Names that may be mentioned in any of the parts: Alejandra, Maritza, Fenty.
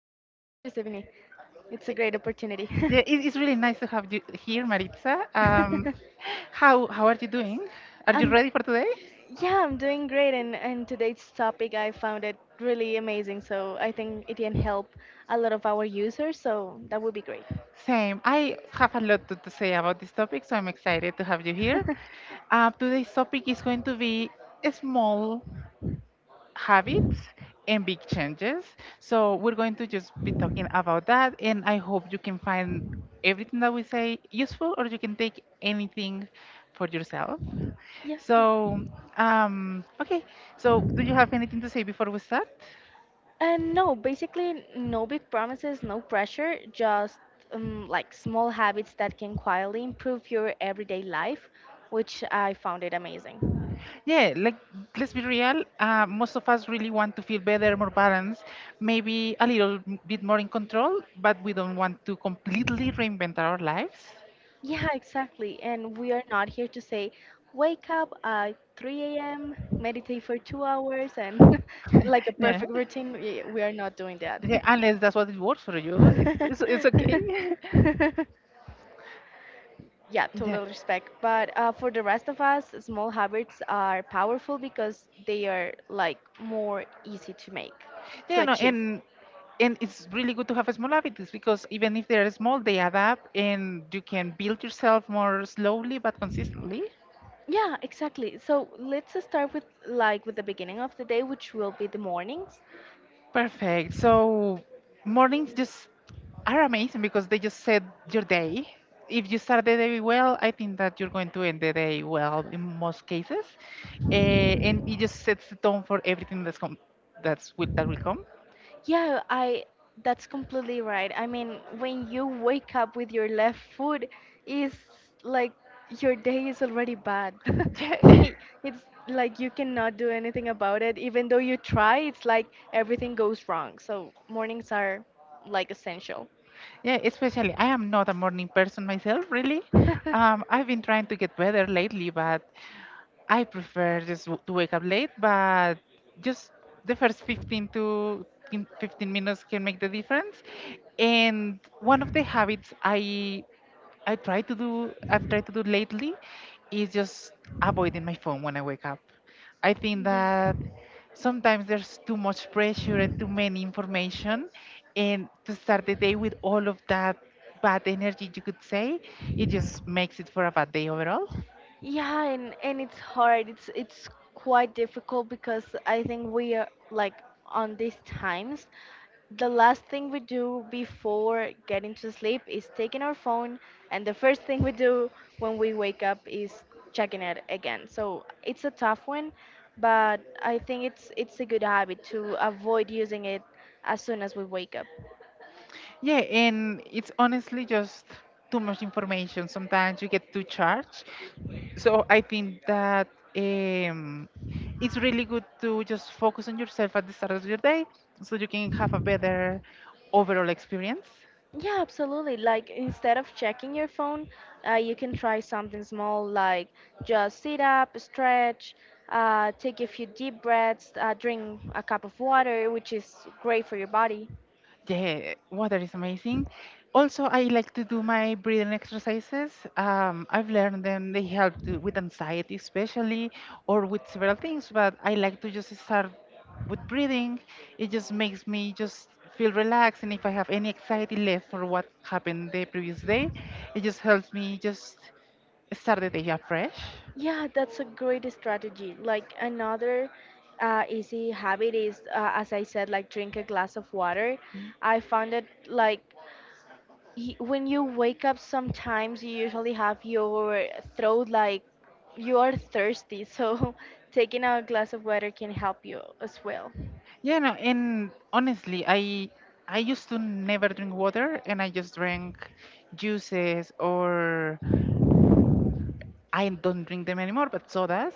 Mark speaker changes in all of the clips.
Speaker 1: receiving me. It's a great opportunity.
Speaker 2: Yeah, it's really nice to have you here, Maritza. How are you doing? Are you
Speaker 1: I'm,
Speaker 2: ready for today?
Speaker 1: yeah, I'm doing great, and today's topic I found it really amazing. So I think it can help a lot of our users. So that would be great.
Speaker 2: Same. I have a lot to say about this topic, so I'm excited to have you here. Today's topic is going to be small habits and big changes. So we're going to just be talking about that, and I hope you can find everything that we say useful, or you can take anything for yourself.
Speaker 1: Yeah.
Speaker 2: So, okay. So, do you have anything to say before we start?
Speaker 1: And no, basically, no big promises, no pressure, just like small habits that can quietly improve your everyday life, which I found it amazing.
Speaker 2: Yeah, like let's be real. Most of us really want to feel better, more balanced, maybe a little bit more in control, but we don't want to completely reinvent our lives.
Speaker 1: Yeah, exactly. And we are not here to say, wake up at 3 a.m., meditate for 2 hours, and like a
Speaker 2: Yeah.
Speaker 1: perfect routine. We are not doing that.
Speaker 2: Yeah, unless that's what it works for you, it's okay.
Speaker 1: Yeah,
Speaker 2: Yeah,
Speaker 1: total respect. But for the rest of us, small habits are powerful because they are like more easy to make, to
Speaker 2: yeah, no,
Speaker 1: achieve.
Speaker 2: and it's really good to have small habits because even if they're small, they add up, and you can build yourself more slowly but consistently.
Speaker 1: Yeah, exactly. So let's start with with the beginning of the day, which will be the mornings.
Speaker 2: Perfect. So mornings just are amazing because they just set your day. If you start the day well, I think that you're going to end the day well in most cases. And it just sets the tone for everything that's that will come.
Speaker 1: Yeah, I that's completely right. I mean, when you wake up with your left foot, is like your day is already bad.
Speaker 2: Yeah.
Speaker 1: He- It's like you cannot do anything about it. Even though you try, it's like everything goes wrong. So mornings are like essential.
Speaker 2: Yeah, especially I am not a morning person myself, really. I've been trying to get better lately, but I prefer just to wake up late, but just the first 15 minutes can make the difference. And one of the habits I've tried to do lately is just avoiding my phone when I wake up. I think that sometimes there's too much pressure and too many information, and to start the day with all of that bad energy, you could say it just makes it for a bad day overall.
Speaker 1: Yeah, and it's hard. It's quite difficult because I think we are like on these times, the last thing we do before getting to sleep is taking our phone, and the first thing we do when we wake up is checking it again. So it's a tough one, but I think it's a good habit to avoid using it as soon as we wake up.
Speaker 2: Yeah, and it's honestly just too much information. Sometimes you get too charged. So I think that um, it's really good to just focus on yourself at the start of your day so you can have a better overall experience.
Speaker 1: Yeah, absolutely. Like instead of checking your phone, you can try something small like just sit up, stretch, take a few deep breaths, drink a cup of water, which is great for your body.
Speaker 2: Yeah, water is amazing. Also, I like to do my breathing exercises. I've learned them, they help with anxiety, especially, or with several things, but I like to just start with breathing. It just makes me just feel relaxed. And if I have any anxiety left for what happened the previous day, it just helps me just start the day afresh.
Speaker 1: Yeah, that's a great strategy. Like another easy habit is, as I said, like drink a glass of water. I found it like when you wake up sometimes you usually have your throat like you are thirsty, so taking a glass of water can help you as well.
Speaker 2: Yeah, no, and honestly, I used to never drink water, and I just drank juices or, I don't drink them anymore, but sodas.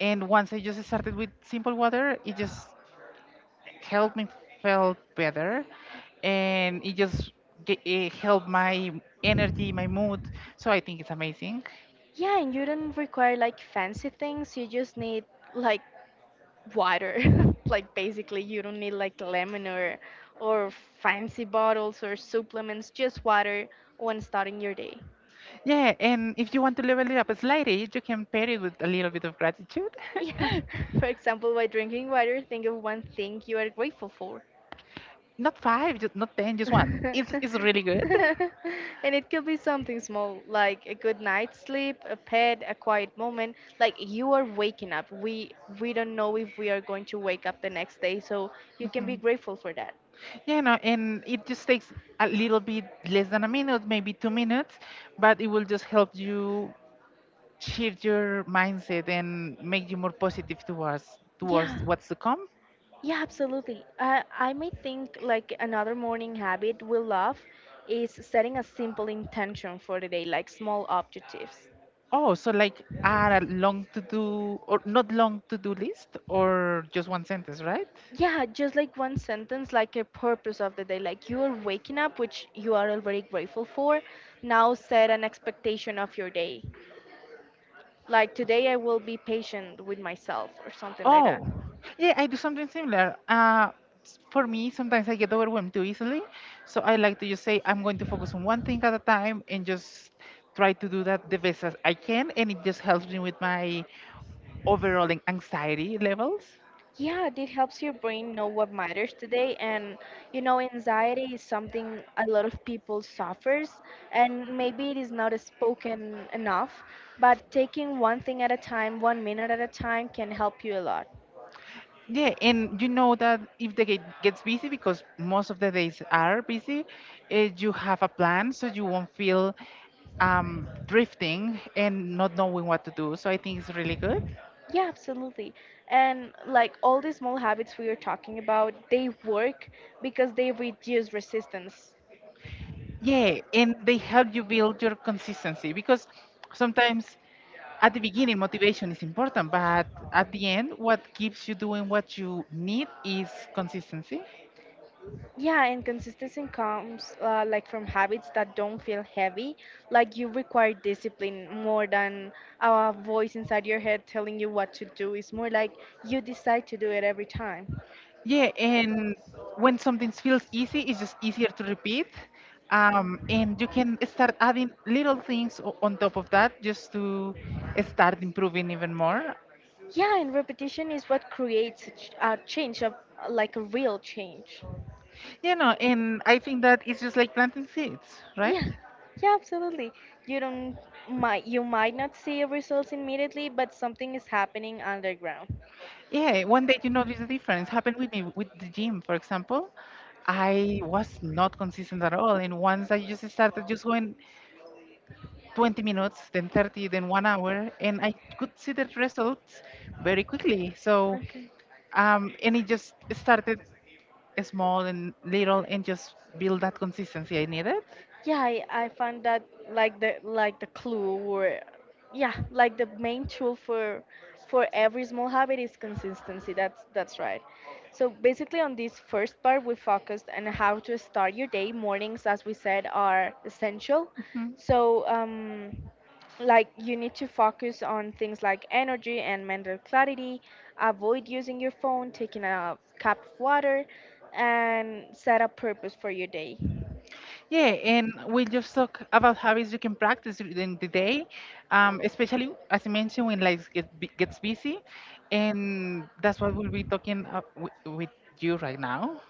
Speaker 2: And once I just started with simple water, it just helped me feel better, and it just it helped my energy, my mood. So I think it's amazing.
Speaker 1: Yeah, and you don't require like fancy things, you just need like water. Like basically you don't need like lemon or fancy bottles or supplements, just water when starting your day.
Speaker 2: Yeah, and if you want to level it up slightly, you can pair it with a little bit of gratitude.
Speaker 1: Yeah, for example, by drinking water, think of one thing you are grateful for.
Speaker 2: Not five, just not ten, just one. It's really good.
Speaker 1: And it could be something small like a good night's sleep, a pet, a quiet moment. Like you are waking up, we don't know if we are going to wake up the next day, so you can be grateful for that.
Speaker 2: Yeah, no, and it just takes a little bit less than a minute, maybe 2 minutes, but it will just help you shift your mindset and make you more positive towards
Speaker 1: Yeah,
Speaker 2: what's to come.
Speaker 1: yeah, absolutely. I may think like another morning habit we love is setting a simple intention for the day, like small objectives.
Speaker 2: Oh, so like add a long to do or not long to do list or just one sentence, right?
Speaker 1: Yeah, just like one sentence, like a purpose of the day. Like you are waking up, which you are already grateful for. Now set an expectation of your day. Like today, I will be patient with myself or something like that.
Speaker 2: Oh, yeah, I do something similar. For me, sometimes I get overwhelmed too easily, so I like to just say I'm going to focus on one thing at a time and just try to do that the best as I can, and it just helps me with my overall anxiety levels.
Speaker 1: Yeah, it helps your brain know what matters today. And you know, anxiety is something a lot of people suffers, and maybe it is not spoken enough. But taking one thing at a time, 1 minute at a time, can help you a lot.
Speaker 2: Yeah, and you know that if the gate gets busy, because most of the days are busy, you have a plan so you won't feel drifting and not knowing what to do. So I think it's really good.
Speaker 1: Yeah, absolutely. And like all these small habits we are talking about, they work because they reduce resistance.
Speaker 2: Yeah, and they help you build your consistency because sometimes at the beginning motivation is important, but at the end, what keeps you doing what you need is consistency.
Speaker 1: Yeah, and consistency comes like from habits that don't feel heavy. Like you require discipline more than a voice inside your head telling you what to do. It's more like you decide to do it every time.
Speaker 2: Yeah, and when something feels easy, it's just easier to repeat. And you can start adding little things on top of that just to
Speaker 1: Yeah.
Speaker 2: start improving even more.
Speaker 1: Yeah, and repetition is what creates a, a change, of, like a real change.
Speaker 2: You know, and I think that it's just like planting seeds, right?
Speaker 1: Yeah, yeah, absolutely. You don't you might not see results immediately, but something is happening underground.
Speaker 2: Yeah, one day you notice the difference. Happened with me with the gym, for example. I was not consistent at all. And once I just started just going 20 minutes, then 30, then one hour, and I could see the results very quickly. So
Speaker 1: Okay.
Speaker 2: And it just started small and little and just build that consistency I needed.
Speaker 1: I find that like the clue or yeah, like the main tool for every small habit is consistency. That's right. So basically on this first part we focused on how to start your day. Mornings, as we said, are essential.
Speaker 2: Mhm.
Speaker 1: So like you need to focus on things like energy and mental clarity, avoid using your phone, taking a cup of water and set a purpose for your day.
Speaker 2: Yeah, and we just talk about habits you can practice during the day, especially as I mentioned when life gets busy, and that's what we'll be talking with you right now.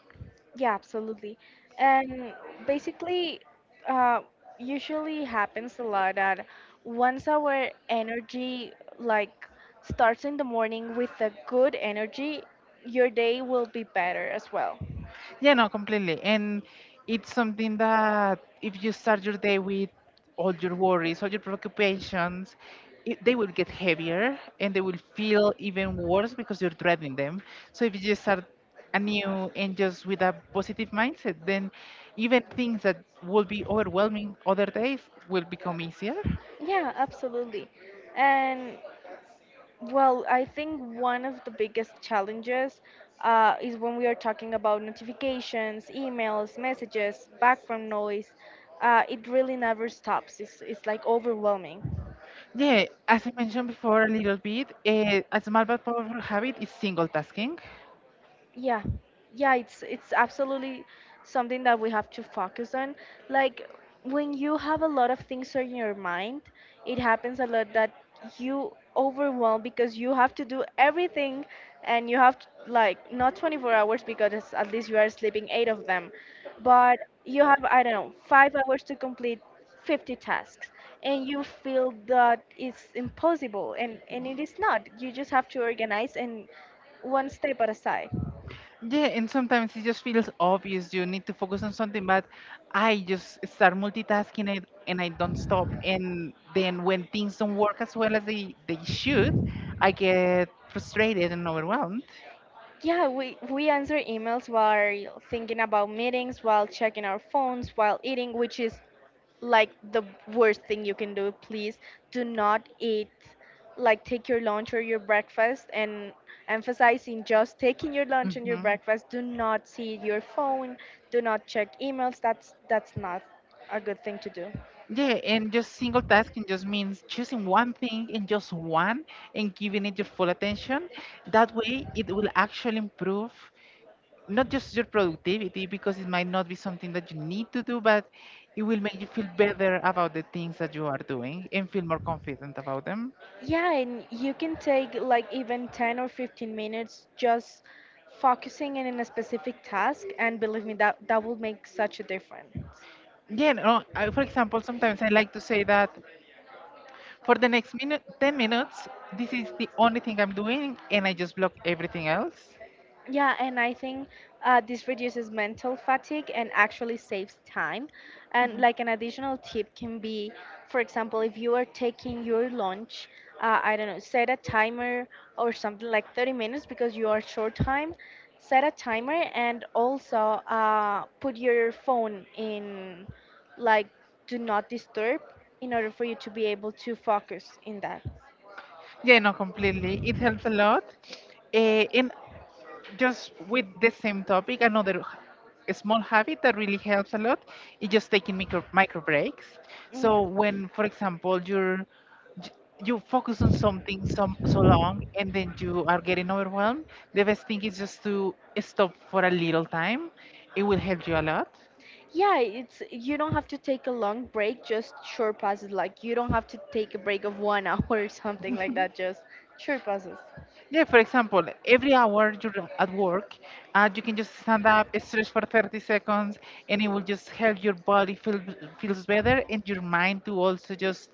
Speaker 1: Yeah, absolutely. And basically, uh, usually happens a lot that once our energy like starts in the morning with a good energy, your day will be better as well.
Speaker 2: Yeah, no, completely. And it's something that if you start your day with all your worries, all your preoccupations, they will get heavier and they will feel even worse because you're dreading them. So if you just start anew and just with a positive mindset, then even things that would be overwhelming other days will become easier.
Speaker 1: Yeah, absolutely. And well, I think one of the biggest challenges is when we are talking about notifications, emails, messages, background noise. It really never stops. It's like overwhelming.
Speaker 2: Yeah, as I mentioned before a little bit, a small but powerful habit is single tasking.
Speaker 1: Yeah, yeah, it's absolutely something that we have to focus on. Like when you have a lot of things on your mind, it happens a lot that you overwhelm because you have to do everything and you have to, like not 24 hours because at least you are sleeping 8 of them, but you have, I don't know, 5 hours to complete 50 tasks, and you feel that it's impossible, and it is not. You just have to organize and one step at a side.
Speaker 2: Yeah, and sometimes it just feels obvious you need to focus on something, but I just start multitasking it and I don't stop. And then when things don't work as well as they should, I get frustrated and overwhelmed.
Speaker 1: Yeah, we answer emails while thinking about meetings, while checking our phones, while eating, which is like the worst thing you can do. Please do not eat, like take your lunch or your breakfast, and emphasizing just taking your lunch and your
Speaker 2: hmm
Speaker 1: breakfast. Do not see your phone, do not check emails. That's not a good thing to do.
Speaker 2: Yeah, and just single tasking just means choosing one thing and just one, and giving it your full attention. That way, it will actually improve not just your productivity because it might not be something that you need to do, but it will make you feel better about the things that you are doing and feel more confident about them.
Speaker 1: Yeah, and you can take like even 10 or 15 minutes just focusing in a specific task, and believe me, that that will make such a difference.
Speaker 2: Yeah, no, I, for example, sometimes I like to say that for the next 10 minutes, this is the only thing I'm doing, and I just block everything else.
Speaker 1: Yeah, and I think this reduces mental fatigue and actually saves time. And like an additional tip can be, for example, if you are taking your lunch, I don't know, set a timer or something like 30 minutes because you are short time. Set a timer and also put your phone in like do not disturb in order for you to be able to focus in that.
Speaker 2: Yeah, no, completely. It helps a lot. And just with the same topic, a small habit that really helps a lot is just taking micro breaks. So
Speaker 1: Mm.
Speaker 2: when, for example, j- you focus on something so, so long and then you are getting overwhelmed, the best thing is just to stop for a little time. It will help you a lot.
Speaker 1: Yeah, it's you don't have to take a long break, just short passes. Like you don't have to take a break of one hour or something like that, just short passes.
Speaker 2: Yeah, for example, every hour you're at work, you can just stand up, stretch for 30 seconds, and it will just help your body feels better and your mind to also just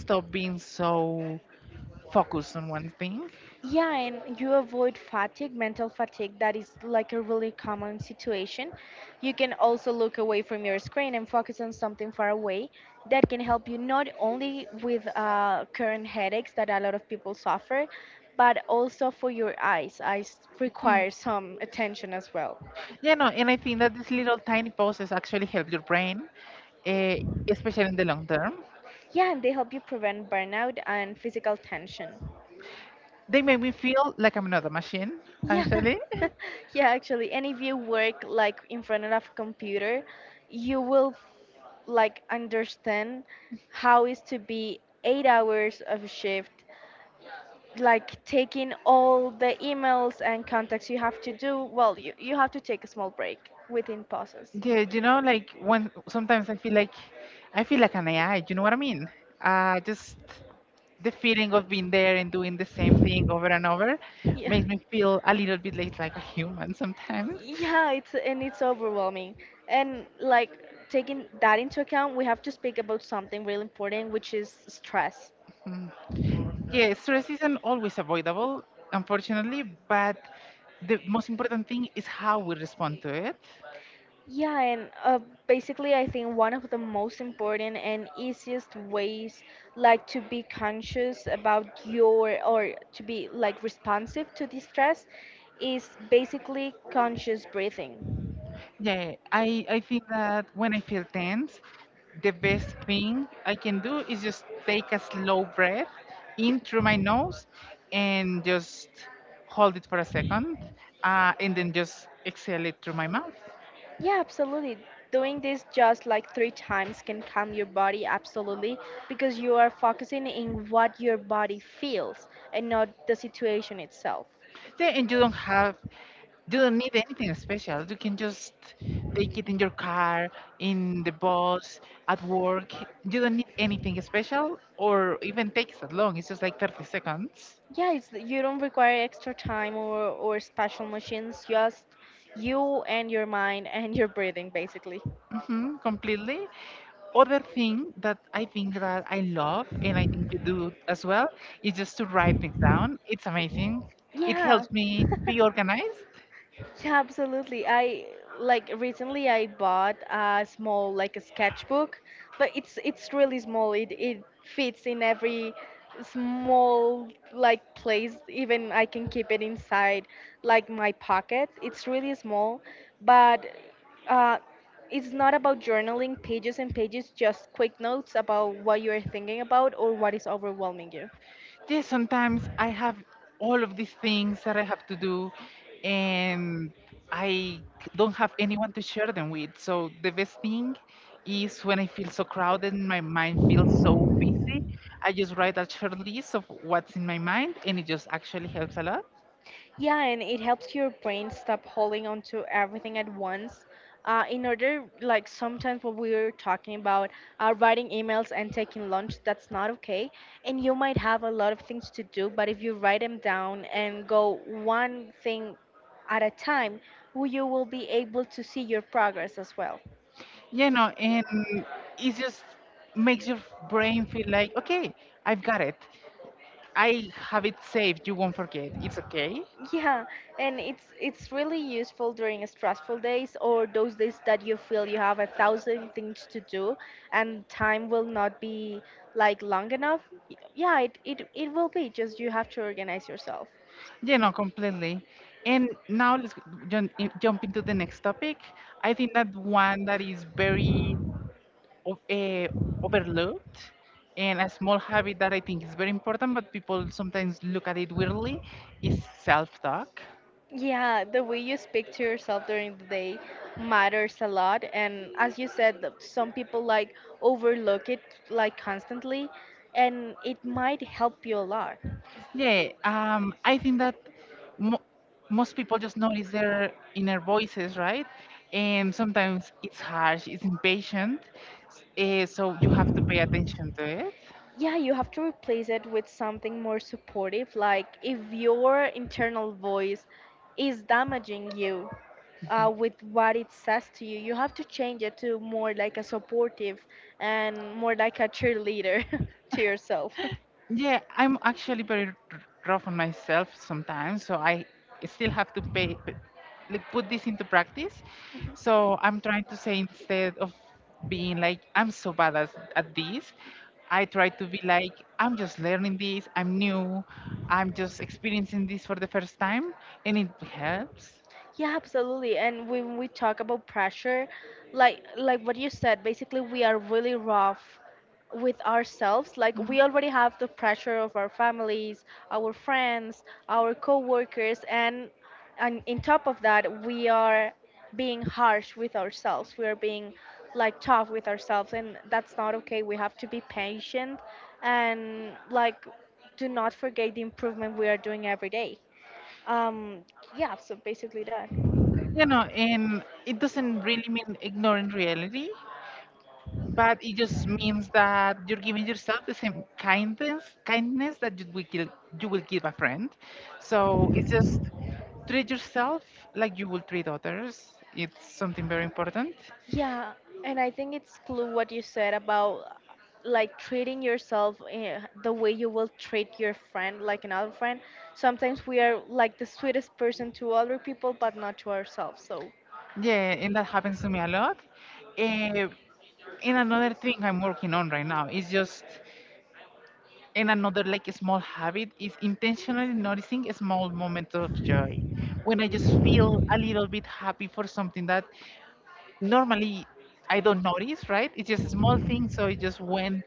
Speaker 2: stop being so focused on one thing.
Speaker 1: Yeah, and you avoid fatigue, mental fatigue. That is like a really common situation. You can also look away from your screen and focus on something far away that can help you not only with current headaches that a lot of people suffer, but also for your eyes. Eyes require some attention as well.
Speaker 2: Yeah, no, and I think that these little tiny pauses actually help your brain, uh, especially in the long term.
Speaker 1: Yeah, and they help you prevent burnout and physical tension.
Speaker 2: They make me feel like I'm not a machine,
Speaker 1: Yeah,
Speaker 2: actually.
Speaker 1: yeah, actually. And if you work like in front of a computer, you will like understand how is to be 8 hours of shift like taking all the emails and contacts you have to do. Well you have to take a small break within pauses.
Speaker 2: Yeah, you know, like when sometimes I feel like an AI. You know what I mean? Just the feeling of being there and doing the same thing over and over
Speaker 1: Yeah,
Speaker 2: makes me feel a little bit like a human sometimes.
Speaker 1: yeah, it's and it's overwhelming, and like taking that into account we have to speak about something really important, which is stress.
Speaker 2: Yeah, stress isn't always avoidable, unfortunately, but the most important thing is how we respond to it.
Speaker 1: Yeah, and basically, I think one of the most important and easiest ways, like to be conscious about your or to be like responsive to distress, is basically conscious breathing.
Speaker 2: Yeah, I think that when I feel tense, the best thing I can do is just take a slow breath in through my nose and just hold it for a second, and then just exhale it through my mouth.
Speaker 1: Yeah, absolutely. Doing this just like three times can calm your body absolutely because you are focusing in what your body feels and not the situation itself.
Speaker 2: Yeah, and you don't have, you don't need anything special. You can just take it in your car, in the bus, at work. You don't need anything special or even takes that long. It's just like 30 seconds.
Speaker 1: Yeah, it's you don't require extra time or special machines, just you and your mind and your breathing basically.
Speaker 2: Hmm, completely. Other thing that I think that I love, and I think you do as well, is just to write things down. It's amazing. It
Speaker 1: Yeah.
Speaker 2: helps me be organized.
Speaker 1: Yeah, absolutely. I like recently I bought a small like a sketchbook, but it's really small. It fits in every small like place. Even I can keep it inside like my pocket. It's really small, but uh, it's not about journaling pages and pages, just quick notes about what you're thinking about or what is overwhelming you.
Speaker 2: Yes, sometimes I have all of these things that I have to do, and I don't have anyone to share them with. So the best thing is when I feel so crowded and my mind feels so busy, I just write a short list of what's in my mind, and it just actually helps a lot.
Speaker 1: Yeah, and it helps your brain stop holding on to everything at once. In order, like sometimes what we were talking about, writing emails and taking lunch, that's not okay. And you might have a lot of things to do, but if you write them down and go one thing at a time, you will be able to see your progress as well.
Speaker 2: Yeah, no, and it just makes your brain feel like, okay, I've got it. I have it saved. You won't forget. It's okay.
Speaker 1: Yeah, and it's really useful during stressful days or those days that you feel you have 1,000 things to do and time will not be like long enough. Yeah, it will be just you have to organize yourself.
Speaker 2: Yeah, no, completely. And now let's jump into the next topic. I think that one that is very uh, overlooked, and a small habit that I think is very important, but people sometimes look at it weirdly, is self-talk.
Speaker 1: Yeah, the way you speak to yourself during the day matters a lot. And as you said, some people like overlook it like constantly, and it might help you a lot.
Speaker 2: Yeah, I think that mo- most people just notice their inner voices, right? And sometimes it's harsh, it's impatient, so you have to pay attention to it.
Speaker 1: Yeah, you have to replace it with something more supportive. Like, if your internal voice is damaging you with what it says to you, you have to change it to more like a supportive and more like a cheerleader to yourself.
Speaker 2: Yeah, I'm actually very rough on myself sometimes, so I still have to like put this into practice. So I'm trying to say instead of being like I'm so bad at this, I try to be like I'm just learning this, I'm new, I'm just experiencing this for the first time, and it helps.
Speaker 1: Yeah, absolutely. And when we talk about pressure, like what you said, basically we are really rough with ourselves. Like, we already have the pressure of our families, our friends, our coworkers, and in top of that, we are being harsh with ourselves. We are being like tough with ourselves, and that's not okay. We have to be patient and, like, do not forget the improvement we are doing every day. Um, yeah, so basically that.
Speaker 2: You know, and it doesn't really mean ignoring reality. But it just means that you're giving yourself the same kindness that you will give a friend. So it's just treat yourself like you will treat others. It's something very important.
Speaker 1: Yeah, and I think it's clue what you said about like treating yourself the way you will treat your friend, like another friend. Sometimes we are like the sweetest person to other people, but not to ourselves. So
Speaker 2: Yeah, and that happens to me a lot. Eh, and another thing I'm working on right now is just and another like a small habit is intentionally noticing a small moment of joy when I just feel a little bit happy for something that normally I don't notice, right? It's just a small thing, so it just went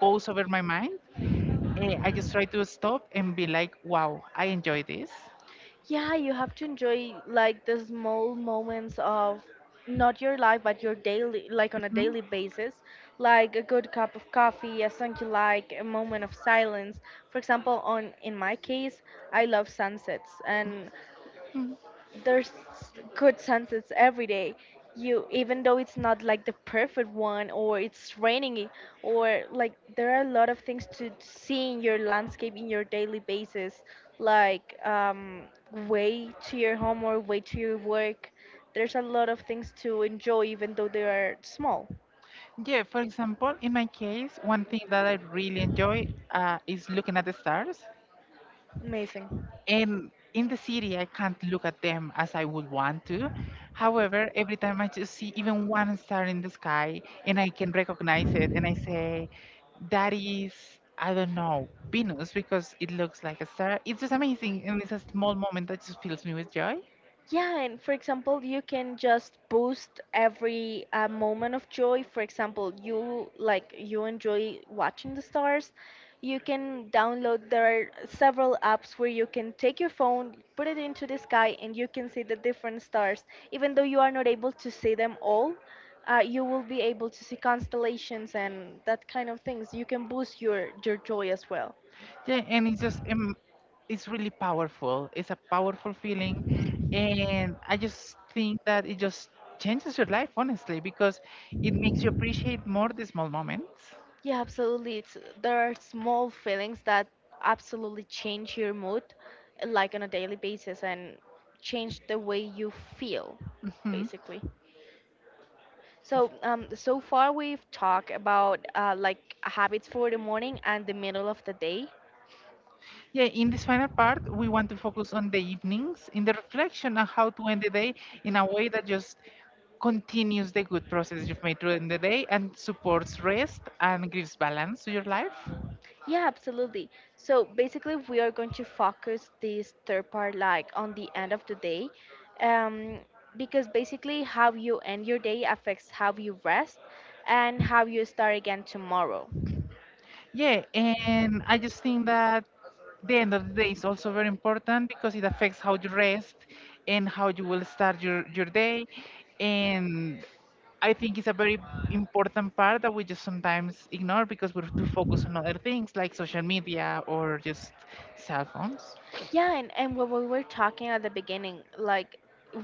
Speaker 2: goes over my mind. I just try to stop and be like, "Wow, I enjoy this."
Speaker 1: yeah, you have to enjoy like the small moments of not your life, but your daily, like, on a
Speaker 2: Mhm.
Speaker 1: daily basis, like a good cup of coffee, a song you like, a moment of silence. For example, on in my case, I love sunsets, and there's good sunsets every day. You Even though it's not like the perfect one, or it's raining, or like there are a lot of things to see in your landscape, in your daily basis, like, way to your home or way to your work, there's a lot of things to enjoy even though they are small.
Speaker 2: Yeah, for example, in my case, one thing that I really enjoy is looking at the stars.
Speaker 1: Amazing.
Speaker 2: And in the city, I can't look at them as I would want to. However, every time I just see even one star in the sky and I can recognize it and I say, that is, I don't know, Venus because it looks like a star. It's just amazing and it's a small moment that just fills me with joy.
Speaker 1: Yeah, and for example, you can just boost every moment of joy. For example, you like, you enjoy watching the stars. You can download, there are several apps where you can take your phone, put it into the sky, and you can see the different stars. Even though you are not able to see them all, you will be able to see constellations and that kind of things. You can boost your joy as well.
Speaker 2: Yeah, and it's just, it's really powerful. It's a powerful feeling. And I just think that it just changes your life, honestly, because it makes you appreciate more the small moments.
Speaker 1: Yeah, absolutely. It's, there are small feelings that absolutely change your mood, like on a daily basis, and change the way you feel,
Speaker 2: Mhm.
Speaker 1: basically. So, so far we've talked about like habits for the morning and the middle of the day.
Speaker 2: Yeah, in this final part, we want to focus on the evenings, in the reflection on how to end the day in a way that just continues the good process you've made during the day and supports rest and gives balance to your life.
Speaker 1: Yeah, absolutely. So basically, we are going to focus this third part like on the end of the day, um, because basically, how you end your day affects how you rest and how you start again tomorrow.
Speaker 2: Yeah, and I just think that the end of the day is also very important because it affects how you rest and how you will start your day. And I think it's a very important part that we just sometimes ignore because we're too focused on other things like social media or just cell phones.
Speaker 1: Yeah, and what we were talking at the beginning, like,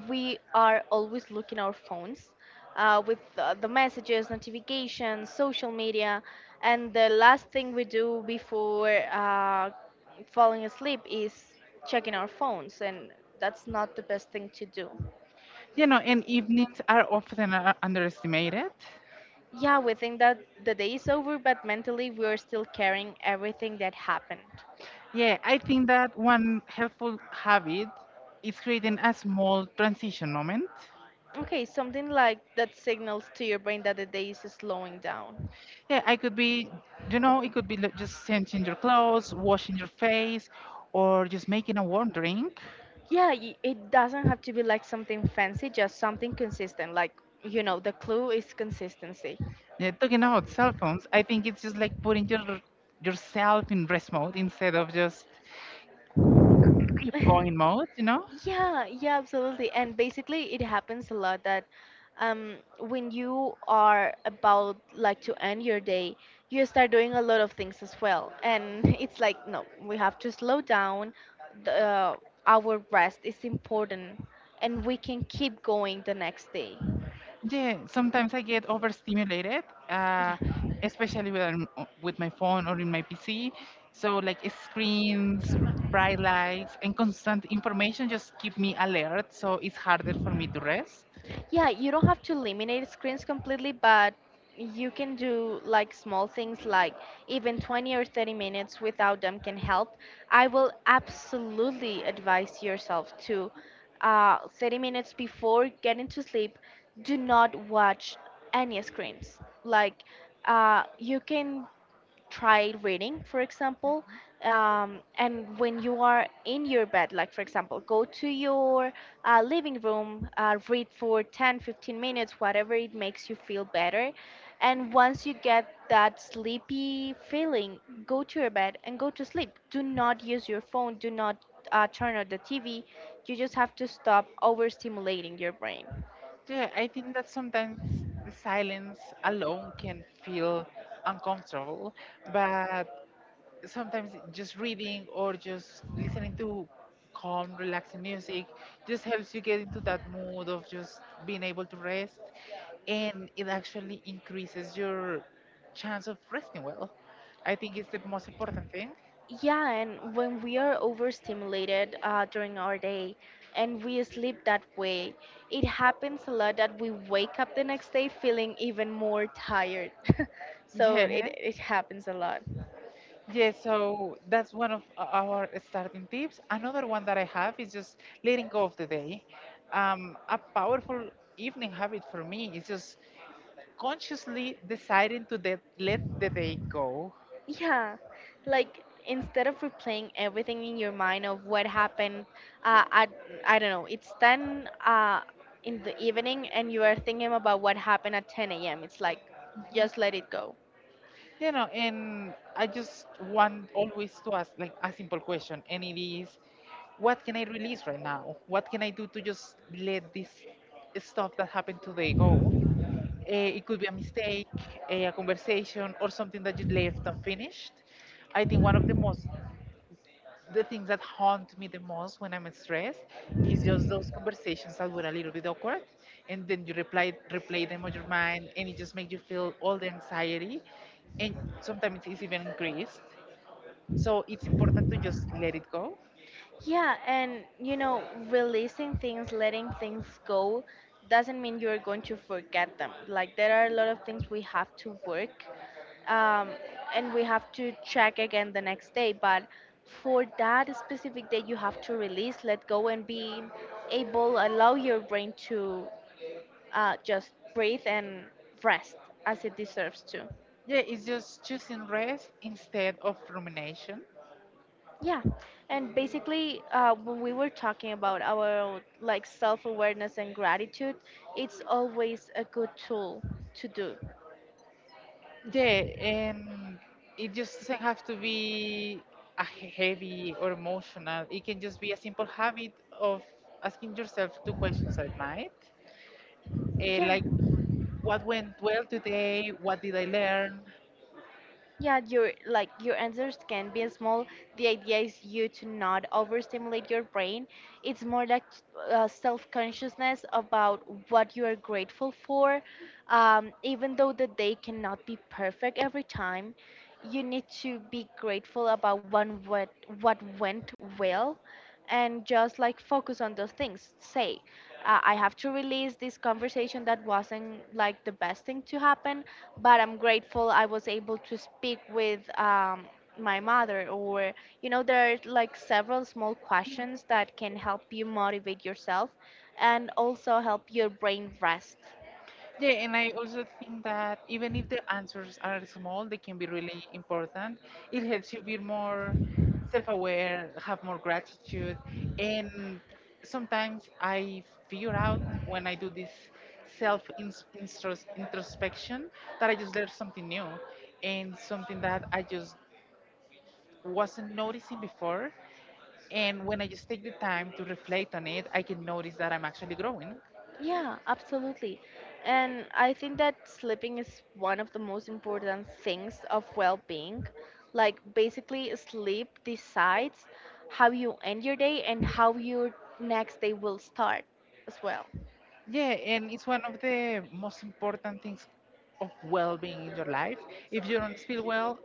Speaker 1: we are always looking our phones with the messages, notifications, social media, and the last thing we do before falling asleep is checking our phones, and that's not the best thing to do.
Speaker 2: You know, and evenings are often underestimated.
Speaker 1: Yeah, we think that the day is over, but mentally we are still carrying everything that happened.
Speaker 2: Yeah, I think that one helpful habit is creating a small transition moment.
Speaker 1: Okay, something like that signals to your brain that the day is slowing down.
Speaker 2: Yeah, I could be, you know, it could be like just changing your clothes, washing your face, or just making a warm drink.
Speaker 1: Yeah, it doesn't have to be like something fancy, just something consistent. Like, you know, the clue is consistency.
Speaker 2: Yeah, talking about cell phones, I think it's just like putting your yourself in rest mode instead of just keep going mode, you know?
Speaker 1: Yeah, yeah, absolutely. And basically, it happens a lot that when you are about like to end your day, you start doing a lot of things as well. And it's like, no, we have to slow down. The, uh, our rest is important, and we can keep going the next day.
Speaker 2: Yeah, sometimes I get overstimulated,
Speaker 1: Yeah.
Speaker 2: uh, especially when I'm with my phone or in my PC. So like screens, bright lights, and constant information just keep me alert, so it's harder for me to rest.
Speaker 1: Yeah, you don't have to eliminate screens completely, but you can do like small things like even 20 or 30 minutes without them can help. I will absolutely advise yourself to 30 minutes before getting to sleep, do not watch any screens. Like, you can try reading, for example. And when you are in your bed, like for example, go to your living room, read for 10, 15 minutes, whatever it makes you feel better. And once you get that sleepy feeling, go to your bed and go to sleep. Do not use your phone, do not turn on the TV. You just have to stop overstimulating your brain.
Speaker 2: Yeah, I think that sometimes the silence alone can feel uncomfortable, but sometimes just reading or just listening to calm, relaxing music just helps you get into that mood of just being able to rest, and it actually increases your chance of resting well. I think it's the most important thing.
Speaker 1: Yeah, and when we are overstimulated during our day and we sleep that way, it happens a lot that we wake up the next day feeling even more tired. So
Speaker 2: Yeah.
Speaker 1: it happens a lot.
Speaker 2: Yes, so that's one of our starting tips. Another one that I have is just letting go of the day. A powerful evening habit for me is just consciously deciding to let the day go.
Speaker 1: Yeah, like instead of replaying everything in your mind of what happened uh, at, I don't know, it's 10 in the evening and you are thinking about what happened at 10 a.m., it's like just let it go.
Speaker 2: You know, and I just want always to ask like a simple question, and it is, what can I release right now? What can I do to just let this stuff that happened today go? It could be a mistake, a conversation, or something that you left unfinished. I think one of the things that haunt me the most when I'm stressed is just those conversations that were a little bit awkward, and then you replay them on your mind, and it just makes you feel all the anxiety, and sometimes it's even increased. So it's important to just let it go.
Speaker 1: Yeah, and you know, releasing things, letting things go doesn't mean you're going to forget them. Like, there are a lot of things we have to work um, and we have to check again the next day. But for that specific day, you have to release, let go, and be able, allow your brain to just breathe and rest as it deserves to.
Speaker 2: Yeah, it's just choosing rest instead of rumination.
Speaker 1: Yeah, and basically, when we were talking about our like self-awareness and gratitude, it's always a good tool to do.
Speaker 2: Yeah, and it just doesn't have to be a heavy or emotional. It can just be a simple habit of asking yourself two questions at night,
Speaker 1: Yeah.
Speaker 2: like what went well today, what did I learn.
Speaker 1: Yeah, your, like, your answers can be small. The idea is you to not overstimulate your brain. It's more like self-consciousness about what you are grateful for. Even though the day cannot be perfect every time, you need to be grateful about one, what went well, and just like focus on those things. Say, I have to release this conversation that wasn't like the best thing to happen, but I'm grateful I was able to speak with my mother. Or, you know, there are like several small questions that can help you motivate yourself and also help your brain rest.
Speaker 2: Yeah, and I also think that even if the answers are small, they can be really important. It helps you be more self aware, have more gratitude, and sometimes I figure out when I do this self introspection that I just learned something new and something that I just wasn't noticing before. And when I just take the time to reflect on it, I can notice that I'm actually growing.
Speaker 1: Yeah, absolutely. And I think that sleeping is one of the most important things of well being. Like, basically, sleep decides how you end your day and how your next day will start as well.
Speaker 2: Yeah, and it's one of the most important things of well being in your life. If you don't feel well,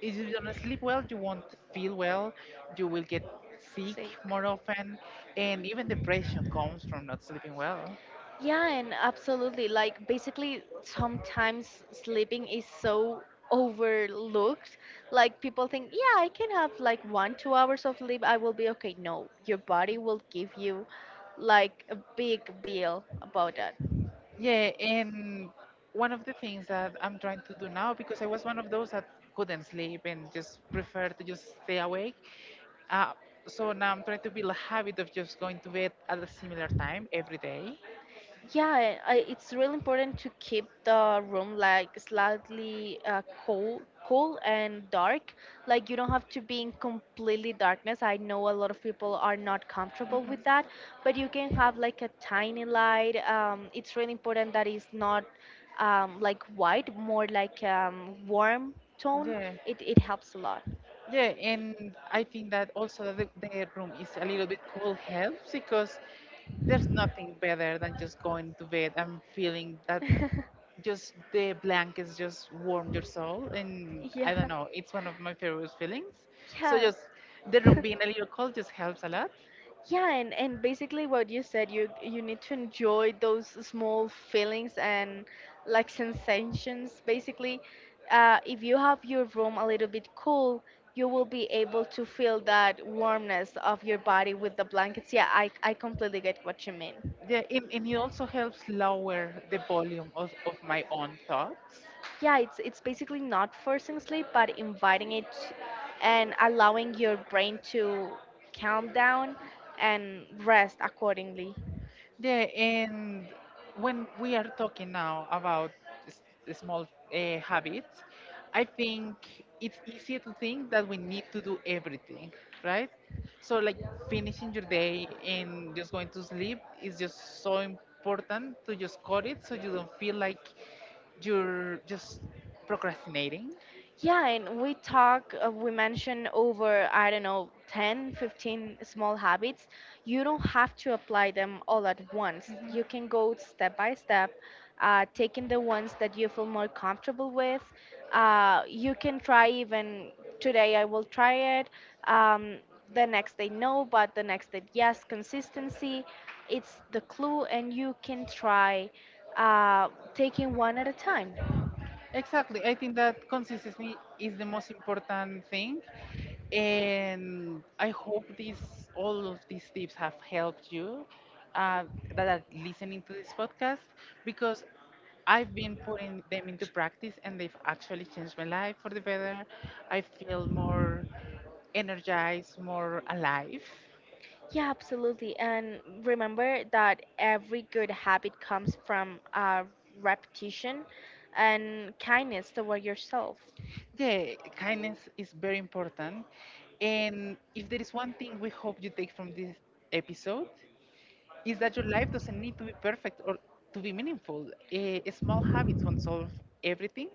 Speaker 2: if you don't sleep well, you won't feel well, you will get sick
Speaker 1: Sick.
Speaker 2: more often, and even depression comes from not sleeping well.
Speaker 1: Yeah, and absolutely. Like, basically, sometimes sleeping is so overlooked. Like, people think, yeah, I can have like one, 2 hours of sleep, I will be okay. No, your body will give you like a big bill about that.
Speaker 2: Yeah, and one of the things that I'm trying to do now, because I was one of those that couldn't sleep and just preferred to just stay awake. Uh, so now I'm trying to build a habit of just going to bed at a similar time every day.
Speaker 1: Yeah, it's really important to keep the room like slightly cool, cool and dark. Like, you don't have to be in completely darkness. I know a lot of people are not comfortable
Speaker 2: Mhm.
Speaker 1: with that, but you can have like a tiny light. It's really important that it's not like white, more like warm tone.
Speaker 2: Yeah.
Speaker 1: It helps a lot.
Speaker 2: Yeah, and I think that also the room is a little bit cool helps because there's nothing better than just going to bed and feeling that just the blankets just warm your soul and
Speaker 1: Yeah,
Speaker 2: I don't know, it's one of my favorite feelings. So
Speaker 1: yeah,
Speaker 2: just the room being a little cold just helps a lot.
Speaker 1: yeah, and basically what you said, you need to enjoy those small feelings and like sensations. Basically, if you have your room a little bit cool, you will be able to feel that warmness of your body with the blankets. Yeah, I completely get what you mean.
Speaker 2: Yeah, and it also helps lower the volume of my own thoughts.
Speaker 1: Yeah, it's basically not forcing sleep but inviting it, and allowing your brain to calm down and rest accordingly.
Speaker 2: Yeah, and when we are talking now about s- small habits, I think it's easy to think that we need to do everything, right? So, like finishing your day and just going to sleep is just so important to just cut it so you don't feel like you're just procrastinating.
Speaker 1: Yeah, and we talk, we mention over, I don't know, 10, 15 small habits. You don't have to apply them all at once. You can go step by step, taking the ones that you feel more comfortable with. You can try even today, I will try it. Um, the next day, no, but the next day, yes. Consistency, it's the clue, and you can try taking one at a time.
Speaker 2: Exactly. I think that consistency is the most important thing. And I hope these all of these tips have helped you uh, that are listening to this podcast because I've been putting them into practice and they've actually changed my life for the better. I feel more energized, more alive.
Speaker 1: Yeah, absolutely. And remember that every good habit comes from repetition and kindness toward yourself.
Speaker 2: Yeah, kindness is very important. And if there is one thing we hope you take from this episode, is that your life doesn't need to be perfect or to be meaningful. Eh, small habits won't solve everything.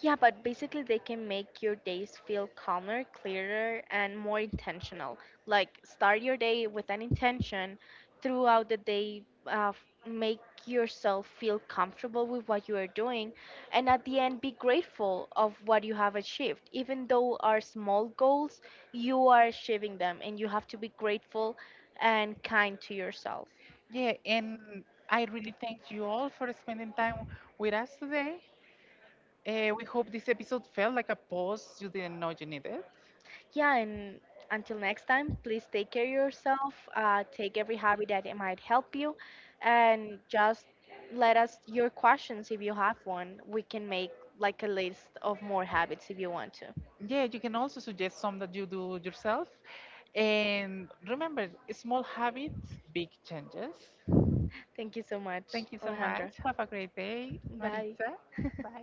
Speaker 1: Yeah, but basically they can make your days feel calmer, clearer, and more intentional. Like, start your day with an intention, throughout the day, make yourself feel comfortable with what you are doing, and at the end be grateful of what you have achieved. Even though are small goals, you are achieving them, and you have to be grateful and kind to yourself.
Speaker 2: Yeah, and I really thank you all for spending time with us today. Eh, we hope this episode felt like a pause you didn't know you needed.
Speaker 1: Yeah, and until next time, please take care of yourself. Take every hobby that it might help you, and just let us your questions if you have one. We can make like a list of more habits if you want to.
Speaker 2: Yeah, you can also suggest some that you do yourself. And remember, small habits, big changes.
Speaker 1: Thank you so much,
Speaker 2: Thank you so
Speaker 1: Alejandra.
Speaker 2: much. Have a great day,
Speaker 1: Bye.
Speaker 2: Maritza.